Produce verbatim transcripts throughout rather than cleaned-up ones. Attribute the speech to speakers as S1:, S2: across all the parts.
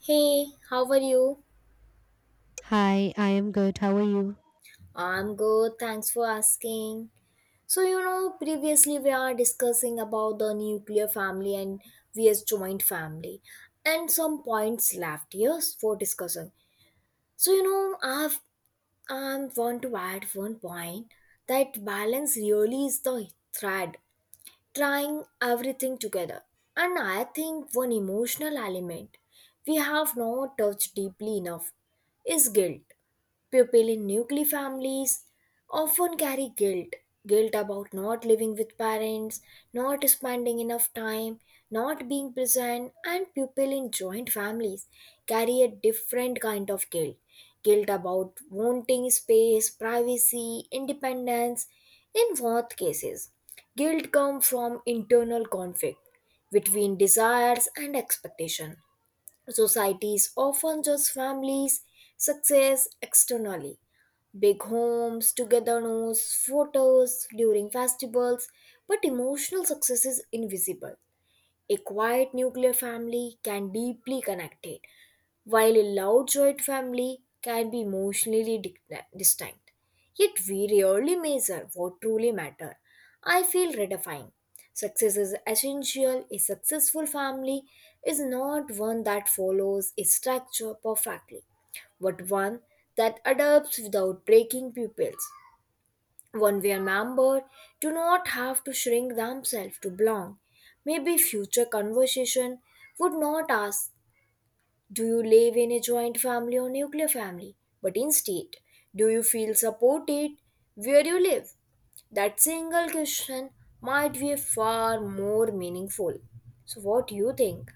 S1: Hey, how are you?
S2: Hi, I am good. How are you?
S1: I'm good, thanks for asking. So, you know, previously we are discussing about the nuclear family and V S joint family, and some points left here for discussion. So, you know, I've I want to add one point that balance really is the thread, trying everything together. And I think one emotional element we have not touched deeply enough is guilt. People in nuclear families often carry guilt, guilt about not living with parents, not spending enough time, not being present, and people in joint families carry a different kind of guilt, guilt about wanting space, privacy, independence. In both cases, guilt comes from internal conflict between desires and expectation. Societies often judge families' success externally. Big homes, togetherness, photos during festivals, but emotional success is invisible. A quiet nuclear family can deeply connect it, while a loud joint family can be emotionally dic- distinct. Yet we rarely measure what truly matters. I feel redefined. Success is essential. A successful family is not one that follows a structure perfectly, but one that adapts without breaking pupils. One way a member do not have to shrink themselves to belong. Maybe future conversation would not ask, do you live in a joint family or nuclear family? But instead, do you feel supported where you live? That single question might be far more meaningful. So, what do you think?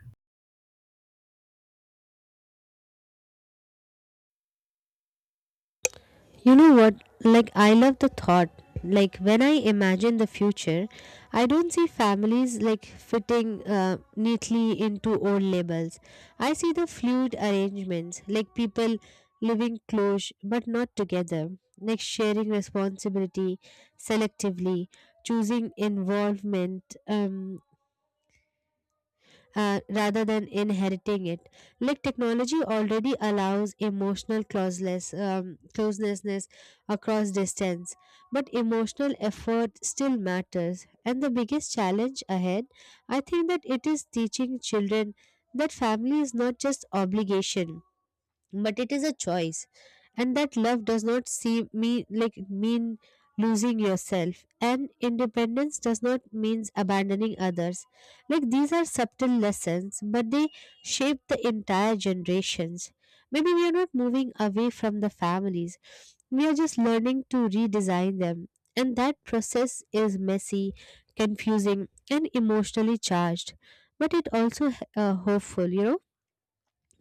S2: You know what? Like, I love the thought. Like, when I imagine the future, I don't see families like fitting uh, neatly into old labels. I see the fluid arrangements, like people living close but not together, like sharing responsibility selectively, choosing involvement, um, uh, rather than inheriting it. Like technology already allows emotional closeless, um, closelessness across distance, but emotional effort still matters. And the biggest challenge ahead, I think that it is teaching children that family is not just obligation but it is a choice, and that love does not see me like mean losing yourself, and independence does not means abandoning others. Like these are subtle lessons, but they shape the entire generations. Maybe we are not moving away from the families, we are just learning to redesign them. And that process is messy, confusing and emotionally charged, but it also uh, hopeful, you know,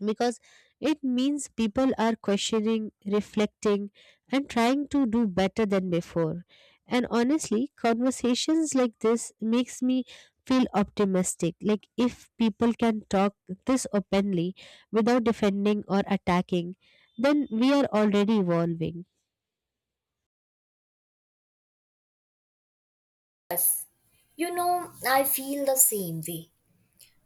S2: because it means people are questioning, reflecting, and trying to do better than before. And honestly, conversations like this makes me feel optimistic. Like if people can talk this openly without defending or attacking, then we are already evolving.
S1: You know, I feel the same way.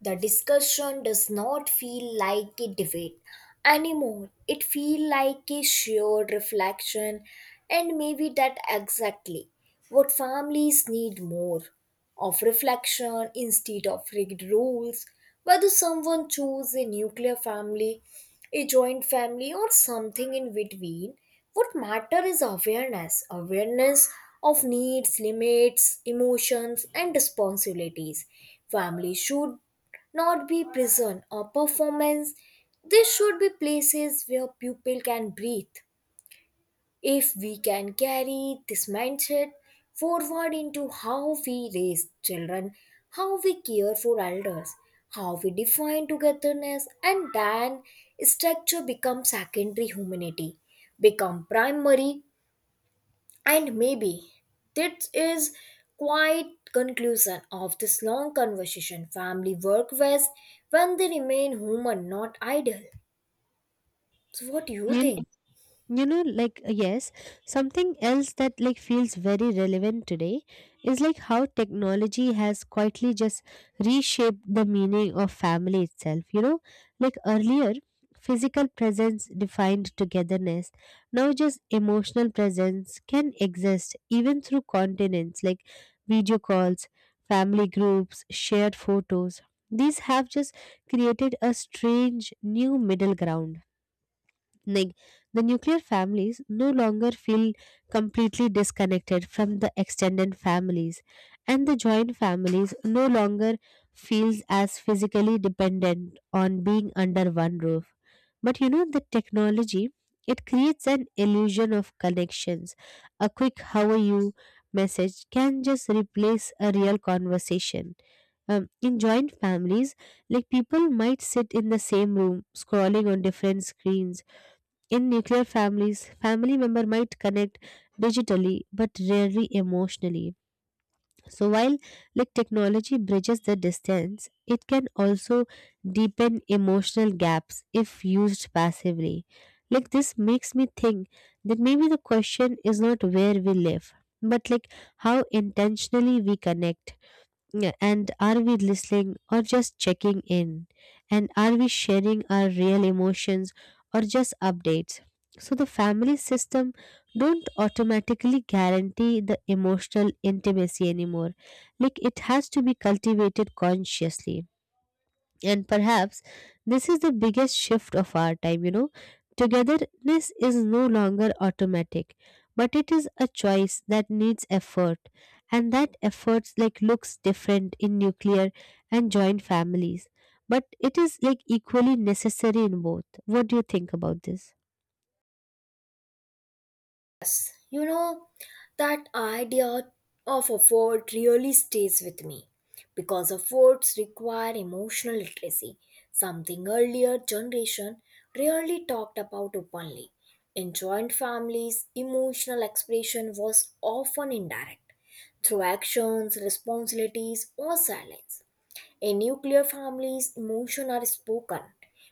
S1: The discussion does not feel like a debate anymore. It feels like a shared reflection, and maybe that exactly what families need more of reflection instead of rigged rules. Whether someone choose a nuclear family, a joint family, or something in between, what matters is awareness. Awareness of needs, limits, emotions, and responsibilities. Family should not be prison or performance. They should be places where people can breathe. If we can carry this mindset forward into how we raise children, how we care for elders, how we define togetherness, and then structure becomes secondary humanity, become primary and maybe this is quite conclusion of this long conversation. Family work best when they remain human, not idle. So what do you
S2: You,
S1: think?
S2: you know like uh, yes, something else that like feels very relevant today is like how technology has quietly just reshaped the meaning of family itself, you know. Like earlier physical presence defined togetherness, now just emotional presence can exist even through continents, like video calls, family groups, shared photos. These have just created a strange new middle ground. Like the nuclear families no longer feel completely disconnected from the extended families, and the joint families no longer feels as physically dependent on being under one roof. But you know, the technology, it creates an illusion of connections. A quick "How are you?" message can just replace a real conversation. Um, in joint families, like people might sit in the same room, scrolling on different screens. In nuclear families, family member might connect digitally but rarely emotionally. So while like technology bridges the distance, it can also deepen emotional gaps if used passively. Like this makes me think that maybe the question is not where we live, but like how intentionally we connect. Yeah, and are we listening or just checking in? And are we sharing our real emotions or just updates? So the family system don't automatically guarantee the emotional intimacy anymore. Like it has to be cultivated consciously. And perhaps this is the biggest shift of our time, you know. Togetherness is no longer automatic, but it is a choice that needs effort. And that effort like looks different in nuclear and joint families. But it is like equally necessary in both. What do you think about this?
S1: You know, that idea of a fort really stays with me because a forts require emotional literacy, something earlier generation rarely talked about openly. In joint families, emotional expression was often indirect through actions, responsibilities, or silence. In nuclear families, emotions are spoken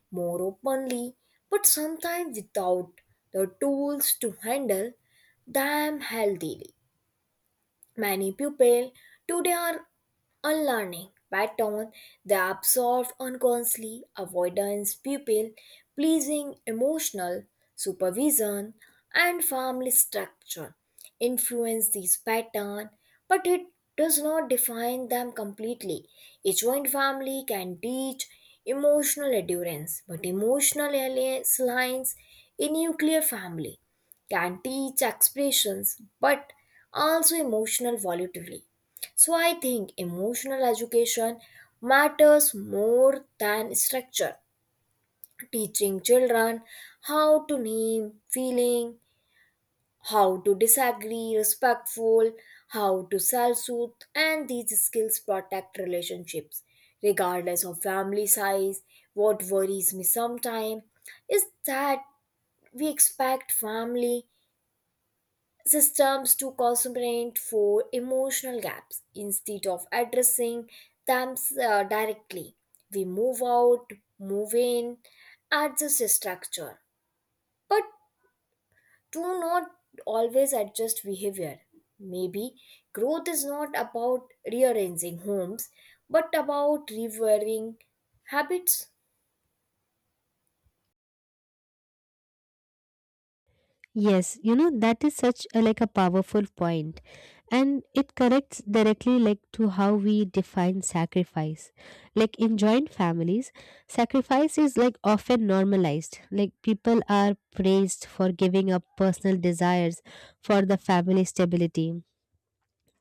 S1: more openly, but sometimes without the tools to handle them healthily. Many people today are unlearning patterns they absorb unconsciously. Avoidance, people pleasing, emotional supervision, and family structure influence these patterns, but it does not define them completely. A joint family can teach emotional endurance, but emotional alliance lines a nuclear family can teach expressions but also emotional volatility. So I think emotional education matters more than structure. Teaching children how to name feeling, how to disagree respectful, how to self-soothe, and these skills protect relationships, regardless of family size. What worries me sometimes is that we expect family systems to compensate for emotional gaps instead of addressing them uh, directly. We move out, move in, adjust the structure, but do not always adjust behavior. Maybe growth is not about rearranging homes but about rewiring habits.
S2: Yes, you know, that is such a like a powerful point, and it corrects directly like to how we define sacrifice. Like in joint families, sacrifice is like often normalized. Like people are praised for giving up personal desires for the family stability,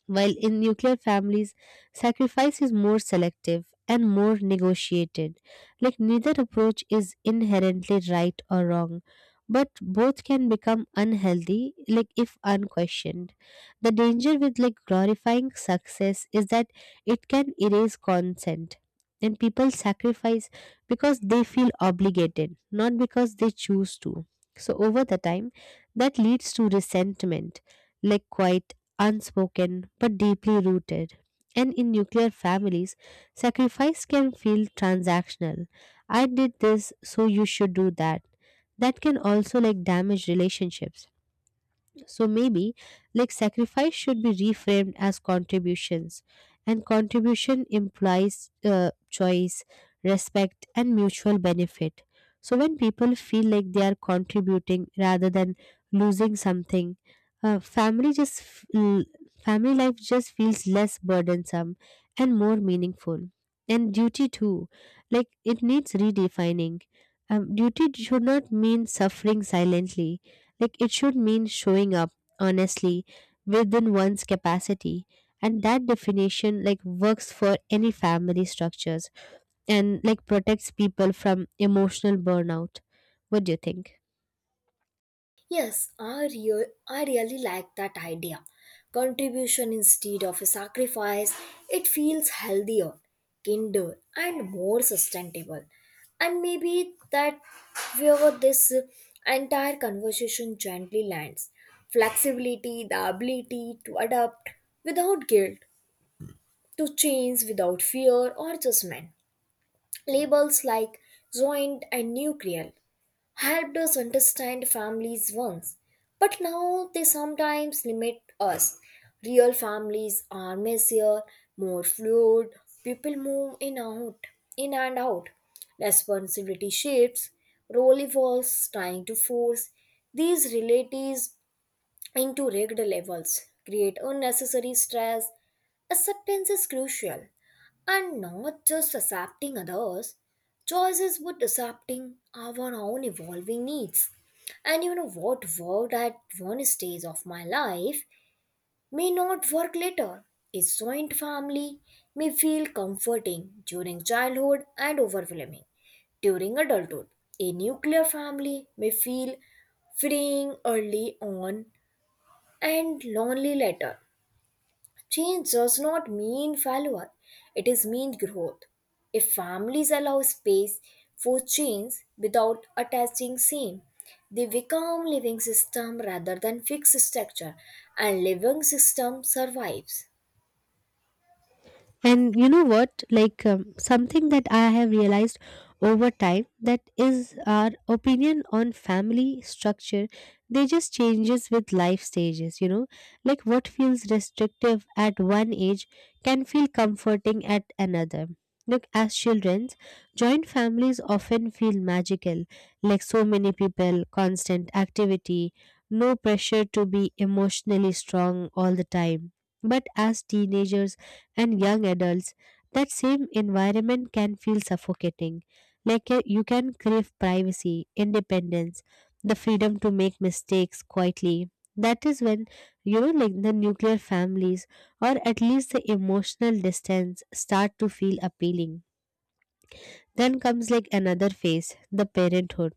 S2: while in nuclear families, sacrifice is more selective and more negotiated. Like neither approach is inherently right or wrong, but both can become unhealthy, like if unquestioned. The danger with like glorifying success is that it can erase consent. And people sacrifice because they feel obligated, not because they choose to. So, over the time, that leads to resentment, like quite unspoken but deeply rooted. And in nuclear families, sacrifice can feel transactional. I did this, so you should do that. That can also like damage relationships. So maybe like sacrifice should be reframed as contributions, and contribution implies uh, choice, respect, and mutual benefit. So when people feel like they are contributing rather than losing something, uh, family just f- l- family life just feels less burdensome and more meaningful. And duty too, like it needs redefining. Um, duty should not mean suffering silently, like it should mean showing up honestly within one's capacity. And that definition like works for any family structures and like protects people from emotional burnout. What do you think?
S1: Yes, I, rea- I really like that idea. Contribution instead of a sacrifice, it feels healthier, kinder, and more sustainable. And maybe that where this entire conversation gently lands flexibility, the ability to adapt without guilt, to change without fear or judgment. Labels like joint and nuclear helped us understand families once, but now they sometimes limit us. Real families are messier, more fluid, people move in out, in and out. Responsibility shifts, role evolves, trying to force these realities into rigged levels create unnecessary stress. Acceptance is crucial, and not just accepting others' choices, but accepting our own evolving needs. And you know what worked at one stage of my life may not work later. A joint family may feel comforting during childhood and overwhelming during adulthood. A nuclear family may feel freeing early on, and lonely letter. Change does not mean failure, it is mean growth. If families allow space for change without attaching same, they become living system rather than fixed structure and living system survives.
S2: And you know what? Like um, something that I have realized over time that is our opinion on family structure, they just changes with life stages, you know. Like what feels restrictive at one age can feel comforting at another. Look, as children, joint families often feel magical, like so many people, constant activity, no pressure to be emotionally strong all the time. But as teenagers and young adults, that same environment can feel suffocating. Like uh, you can crave privacy, independence, the freedom to make mistakes quietly. That is when, you know, like the nuclear families or at least the emotional distance start to feel appealing. Then comes like another phase, the parenthood.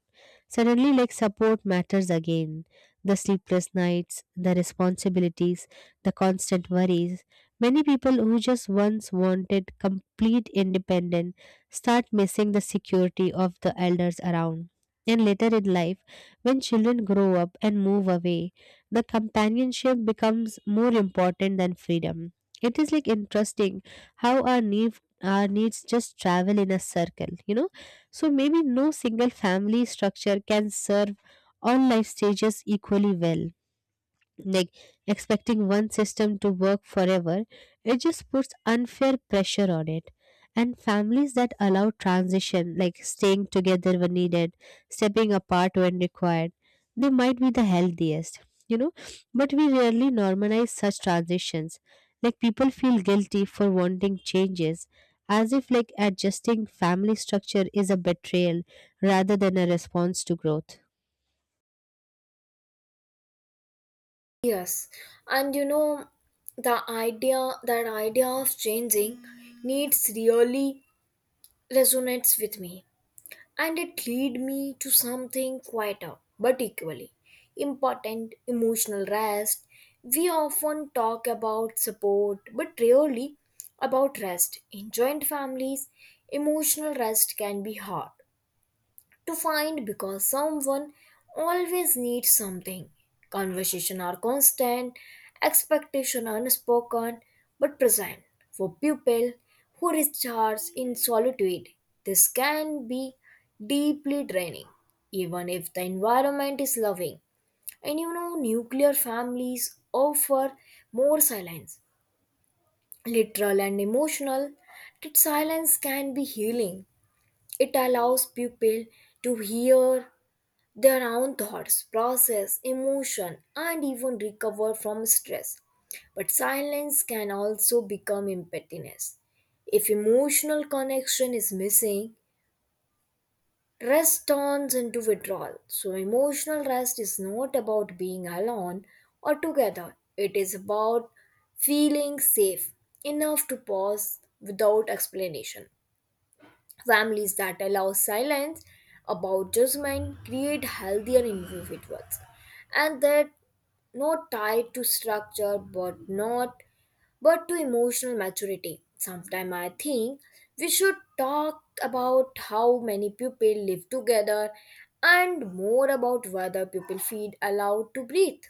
S2: Suddenly, like support matters again. The sleepless nights, the responsibilities, the constant worries. Many people who just once wanted complete independence start missing the security of the elders around. And later in life, when children grow up and move away, the companionship becomes more important than freedom. It is like interesting how our need our needs just travel in a circle, you know. So maybe no single family structure can serve all life stages equally well. Like expecting one system to work forever, it just puts unfair pressure on it. And families that allow transition, like staying together when needed, stepping apart when required, they might be the healthiest, you know. But we rarely normalize such transitions. Like people feel guilty for wanting changes, as if like adjusting family structure is a betrayal rather than a response to growth.
S1: Yes, and you know the idea that idea of changing needs really resonates with me and it led me to something quieter but equally important emotional rest. We often talk about support but rarely about rest. In joint families, emotional rest can be hard to find because someone always needs something. Conversation are constant, expectation unspoken but present. For people who recharge in solitude, this can be deeply draining, even if the environment is loving. And you know, nuclear families offer more silence, literal and emotional. That silence can be healing. It allows people to hear their own thoughts, process, emotion, and even recover from stress. But silence can also become emptiness. If emotional connection is missing, rest turns into withdrawal. So, emotional rest is not about being alone or together, it is about feeling safe enough to pause without explanation. Families that allow silence about judgment create healthier individuals and that not tied to structure but not but to emotional maturity. Sometimes I think we should talk about how many people live together and more about whether people feel allowed to breathe.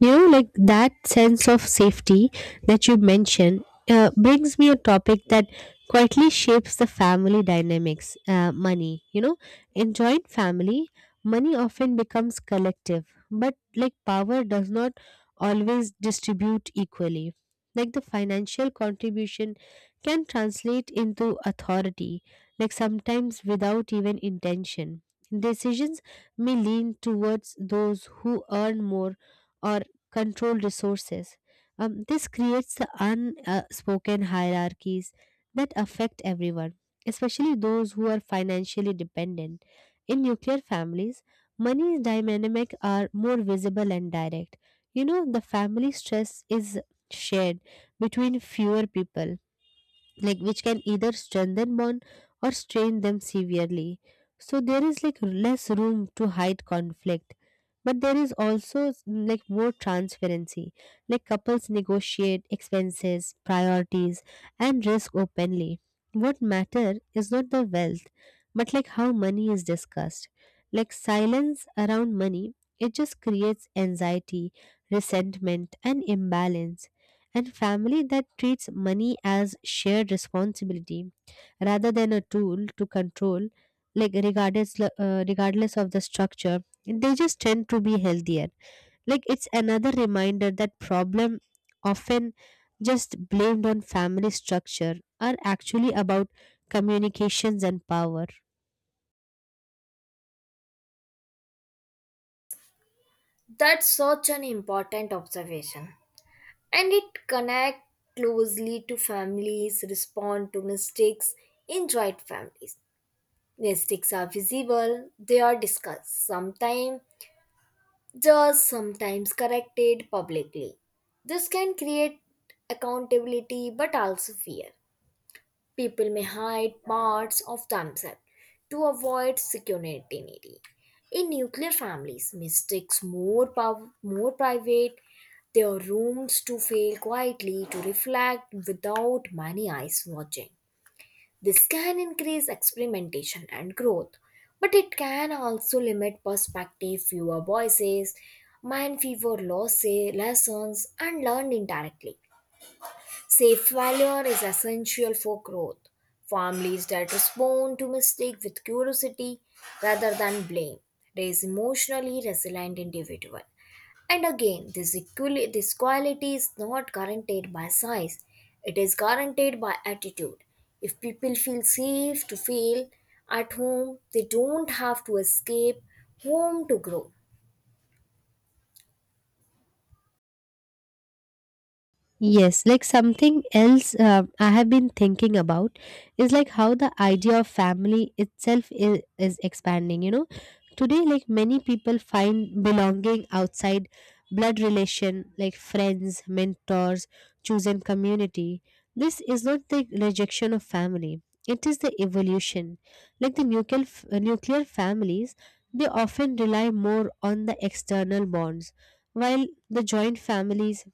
S2: You know, like that sense of safety that you mentioned uh, brings me a topic that quietly shapes the family dynamics, uh, money. You know, in joint family, money often becomes collective, but like power does not always distribute equally. Like the financial contribution can translate into authority, like sometimes without even intention. Decisions may lean towards those who earn more or control resources. Um, this creates the unspoken hierarchies that affect everyone, especially those who are financially dependent. In nuclear families, money dynamics are more visible and direct. You know, the family stress is shared between fewer people, like which can either strengthen bond or strain them severely. So there is like less room to hide conflict, but there is also s- like more transparency. Like couples negotiate expenses, priorities, and risk openly. What matter is not the wealth, but like how money is discussed. Like silence around money, it just creates anxiety, resentment and imbalance. And family that treats money as shared responsibility rather than a tool to control, like regardless uh, regardless of the structure, they just tend to be healthier. Like it's another reminder that problem often just blamed on family structure are actually about communications and power.
S1: That's such an important observation, and it connect closely to families respond to mistakes in joint families mistakes are visible. They are discussed sometimes, just sometimes corrected publicly. This can create accountability but also fear. People may hide parts of themselves to avoid security. In nuclear families, mistakes more pow- more private, their rooms to fail quietly to reflect without many eyes watching. This can increase experimentation and growth, but it can also limit perspective, fewer voices, mind fever losses, lessons, and learned indirectly. Safe failure is essential for growth. Families that respond to mistake with curiosity rather than blame raise emotionally resilient individual. And again, this, equali- this quality is not guaranteed by size; it is guaranteed by attitude. If people feel safe to fail at home, they don't have to escape home to grow.
S2: Yes, like something else uh, I have been thinking about is like how the idea of family itself is, is expanding. You know, today, like many people find belonging outside blood relation, like friends, mentors, chosen community. This is not the rejection of family, it is the evolution. Like the nuclear, f- uh, nuclear families, they often rely more on the external bonds, while the joint families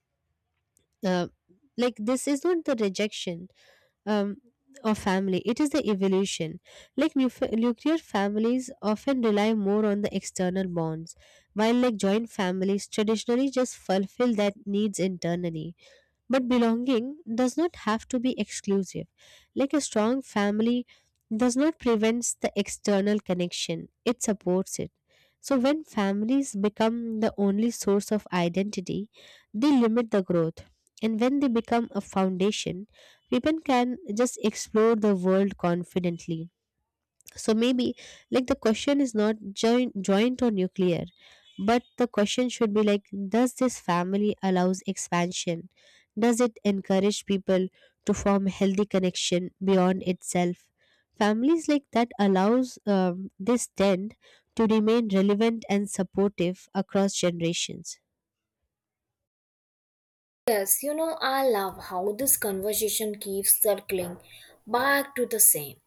S2: uh, like this is not the rejection um, of family, it is the evolution. Like nufe- nuclear families often rely more on the external bonds, while like joint families traditionally just fulfill that needs internally. But belonging does not have to be exclusive. Like a strong family does not prevent the external connection, it supports it. So when families become the only source of identity, they limit the growth. And when they become a foundation, people can just explore the world confidently. So maybe like the question is not joint, joint or nuclear, but the question should be like, does this family allows expansion? Does it encourage people to form healthy connection beyond itself? Families like that allows um, this tend to remain relevant and supportive across generations.
S1: Yes, you know, I love how this conversation keeps circling back to the same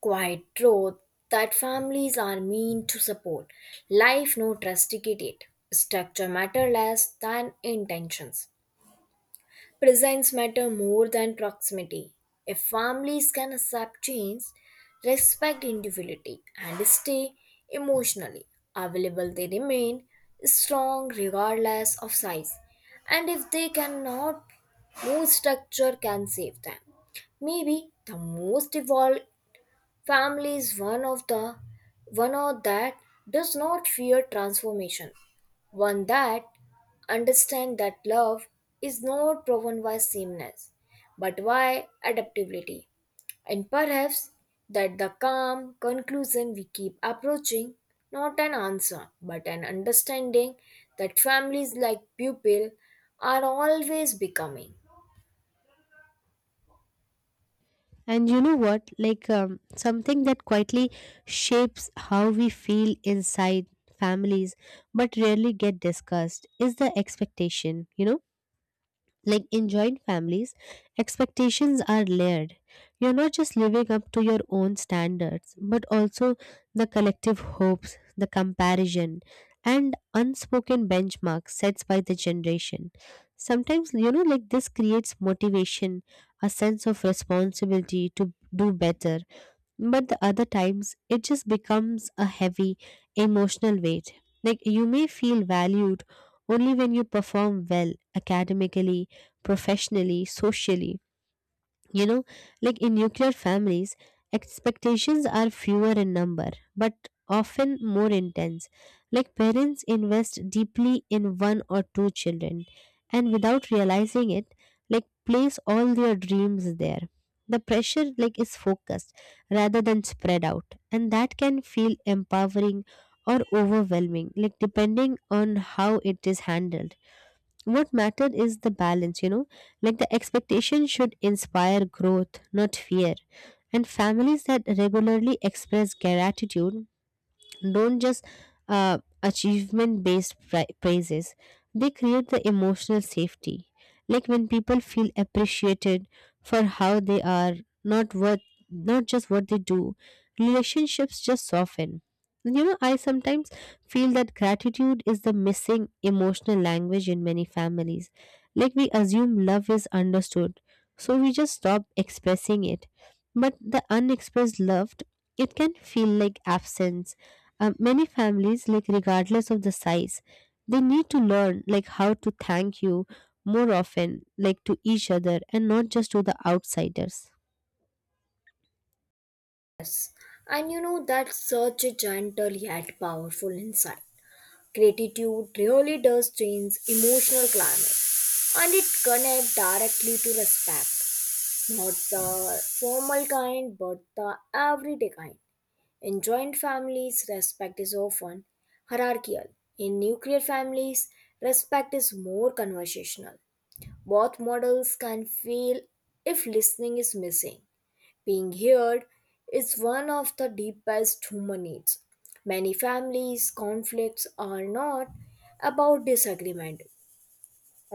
S1: quiet truth that families are meant to support. Life no trusticate it. Structure matter less than intentions. Presence matter more than proximity. If families can accept change, respect individuality, and stay emotionally available, they remain strong regardless of size. And if they cannot, no structure can save them. Maybe the most evolved family is one of the one of that does not fear transformation, one that understands that love is not proven by sameness, but by adaptability. And perhaps that the calm conclusion we keep approaching, not an answer, but an understanding that families like pupil are always becoming.
S2: And you know what? Like um, something that quietly shapes how we feel inside families but rarely get discussed is the expectation, you know? Like in joint families, expectations are layered. You're not just living up to your own standards, but also the collective hopes, the comparison, and unspoken benchmarks set by the generation. Sometimes, you know, like this creates motivation, a sense of responsibility to do better, but the other times it just becomes a heavy emotional weight. Like you may feel valued only when you perform well academically, professionally, socially, you know, like in nuclear families, expectations are fewer in number, but often more intense. Like parents invest deeply in one or two children, and without realizing it, like place all their dreams there. The pressure like is focused rather than spread out, and that can feel empowering or overwhelming, like depending on how it is handled. What mattered is the balance, you know, like the expectation should inspire growth, not fear. And families that regularly express gratitude don't just uh, achievement based praises, they create the emotional safety, like when people feel appreciated for how they are, not what not just what they do, relationships just soften. And you know, I sometimes feel that gratitude is the missing emotional language in many families, like we assume love is understood so we just stop expressing it, but the unexpressed love, it can feel like absence. Uh, many families, like regardless of the size, they need to learn like how to thank you more often, like to each other and not just to the outsiders.
S1: And you know that's such a gentle yet powerful insight. Gratitude really does change emotional climate and it connects directly to respect, not the formal kind but the everyday kind. In joint families, respect is often hierarchical. In nuclear families, respect is more conversational. Both models can fail if listening is missing. Being heard is one of the deepest human needs. Many families' conflicts are not about disagreement,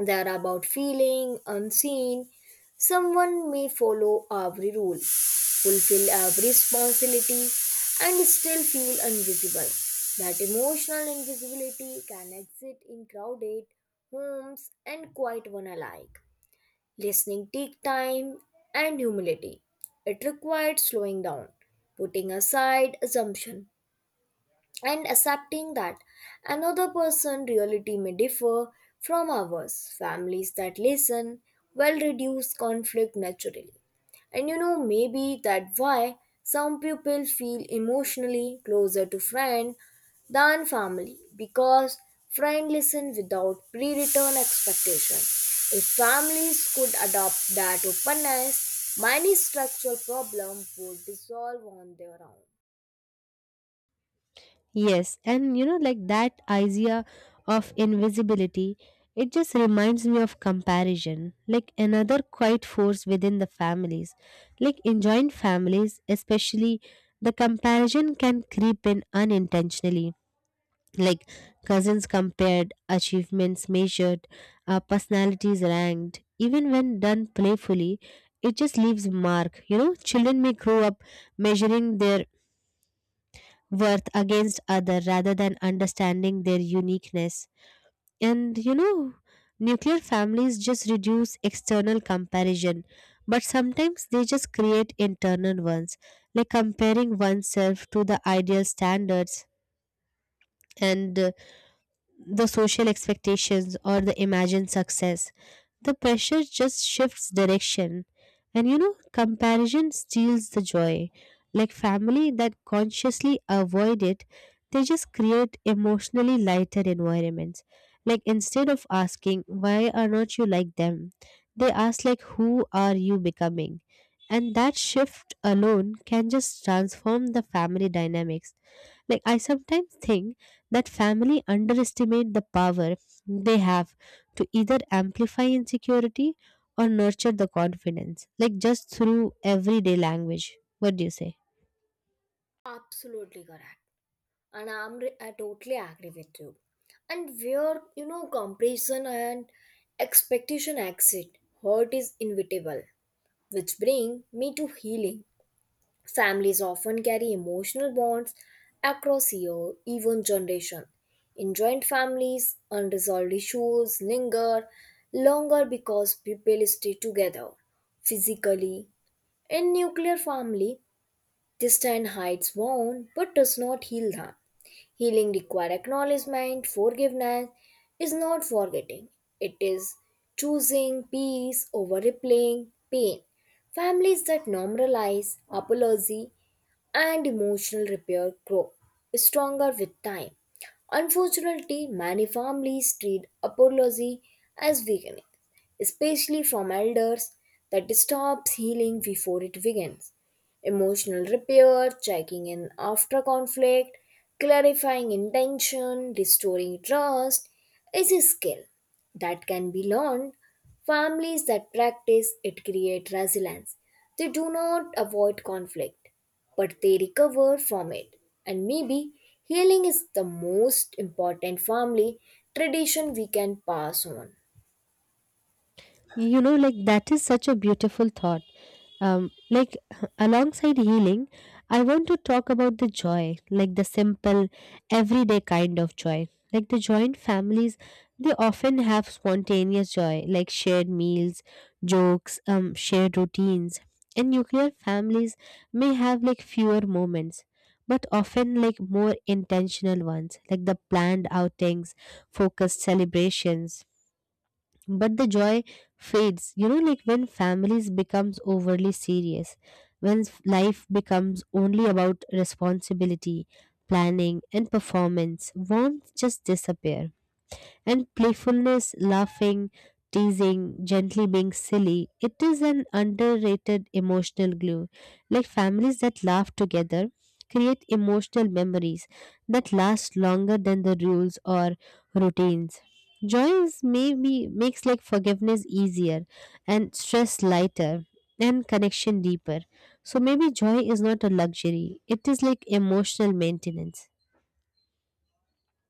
S1: they are about feeling unseen. Someone may follow every rule, fulfill every responsibility, and still feel invisible. That emotional invisibility can exist in crowded homes and quiet one alike. Listening take time and humility. It required slowing down, putting aside assumption, and accepting that another person's reality may differ from ours. Families that listen will reduce conflict naturally. And you know, maybe that's why some people feel emotionally closer to friend than family because friend listen without pre-return expectation. If families could adopt that openness, many structural problem would dissolve on their own.
S2: Yes, and you know, like that idea of invisibility, it just reminds me of comparison, like another quiet force within the families. Like in joint families, especially, the comparison can creep in unintentionally. Like cousins compared, achievements measured, uh, personalities ranked. Even when done playfully, it just leaves mark. You know, children may grow up measuring their worth against other rather than understanding their uniqueness. And you know, nuclear families just reduce external comparison, but sometimes they just create internal ones, like comparing oneself to the ideal standards and uh, the social expectations or the imagined success. The pressure just shifts direction. And you know, comparison steals the joy. Like family that consciously avoid it, they just create emotionally lighter environments. Like instead of asking, why are not you like them? They ask like, who are you becoming? And that shift alone can just transform the family dynamics, like I sometimes think that family underestimate the power they have to either amplify insecurity or nurture the confidence, like just through everyday language. What do you say?
S1: Absolutely correct, and I'm re- I totally agree with you. And where you know comparison and expectation exit, hurt is inevitable, which bring me to healing. Families often carry emotional bonds across year, even generation. In joint families, unresolved issues linger longer because people stay together physically. In nuclear family, distant hides wound but does not heal harm. Healing requires acknowledgement, forgiveness is not forgetting. It is choosing peace over replaying pain. Families that normalize apology and emotional repair grow stronger with time. Unfortunately, many families treat apology as weakness, especially from elders that stops healing before it begins emotional repair, checking in after conflict, clarifying intention, restoring trust is a skill that can be learned. Families that practice it create resilience. They do not avoid conflict, but they recover from it. And maybe healing is the most important family tradition we can pass on.
S2: You know, like that is such a beautiful thought, um like alongside healing I want to talk about the joy, like the simple everyday kind of joy. Like the joint families, they often have spontaneous joy, like shared meals, jokes, um shared routines. And nuclear families may have like fewer moments, but often like more intentional ones, like the planned outings, focused celebrations. But the joy fades, you know, like when families becomes overly serious, when s- life becomes only about responsibility, planning and performance, warmth just disappear. And playfulness, laughing, teasing, gently being silly, it is an underrated emotional glue. Like families that laugh together create emotional memories that last longer than the rules or routines. Joy is maybe makes like forgiveness easier and stress lighter and connection deeper. So maybe joy is not a luxury, it is like emotional maintenance.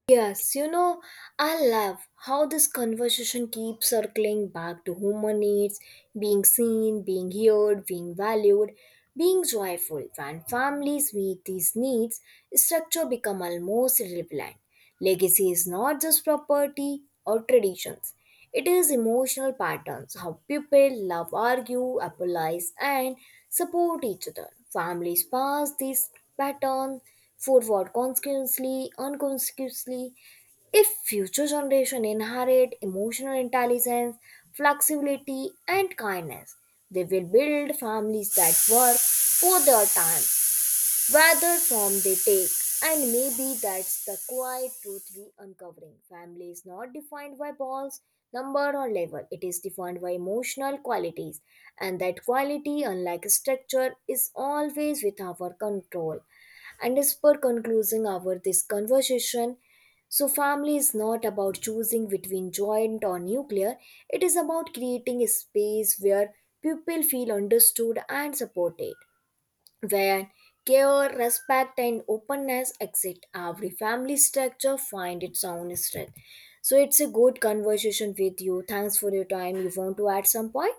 S1: Yes, you know, I love how this conversation keeps circling back to human needs, being seen, being heard, being valued, being joyful. When families meet these needs, structure become almost irrelevant. Legacy is not just property or traditions. It is emotional patterns, how people love, argue, apologize, and support each other. Families pass these patterns forward consciously, unconsciously. If future generation inherit emotional intelligence, flexibility, and kindness, they will build families that work for their time whether form they take. And maybe that's the quiet truth we uncovering. Family is not defined by balls, number or level. It is defined by emotional qualities. And that quality, unlike structure, is always with our control. And as per concluding our this conversation, so family is not about choosing between joint or nuclear. It is about creating a space where people feel understood and supported where care, respect, and openness exist. Every family structure find its own strength. So it's a good conversation with you. Thanks for your time. You want to add some point?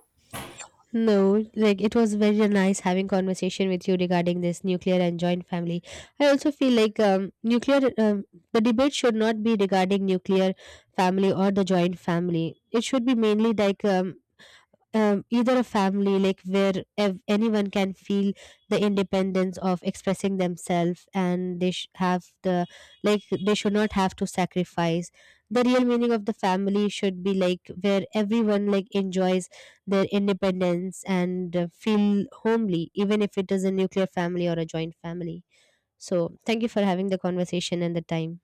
S2: No, like it was very nice having conversation with you regarding this nuclear and joint family. I also feel like um, nuclear um, the debate should not be regarding nuclear family or the joint family. It should be mainly like um, um, either a family like where ev- anyone can feel the independence of expressing themselves and they sh- have the, like they should not have to sacrifice, the real meaning of the family should be like where everyone like enjoys their independence and uh, feel homely, even if it is a nuclear family or a joint family. So thank you for having the conversation and the time.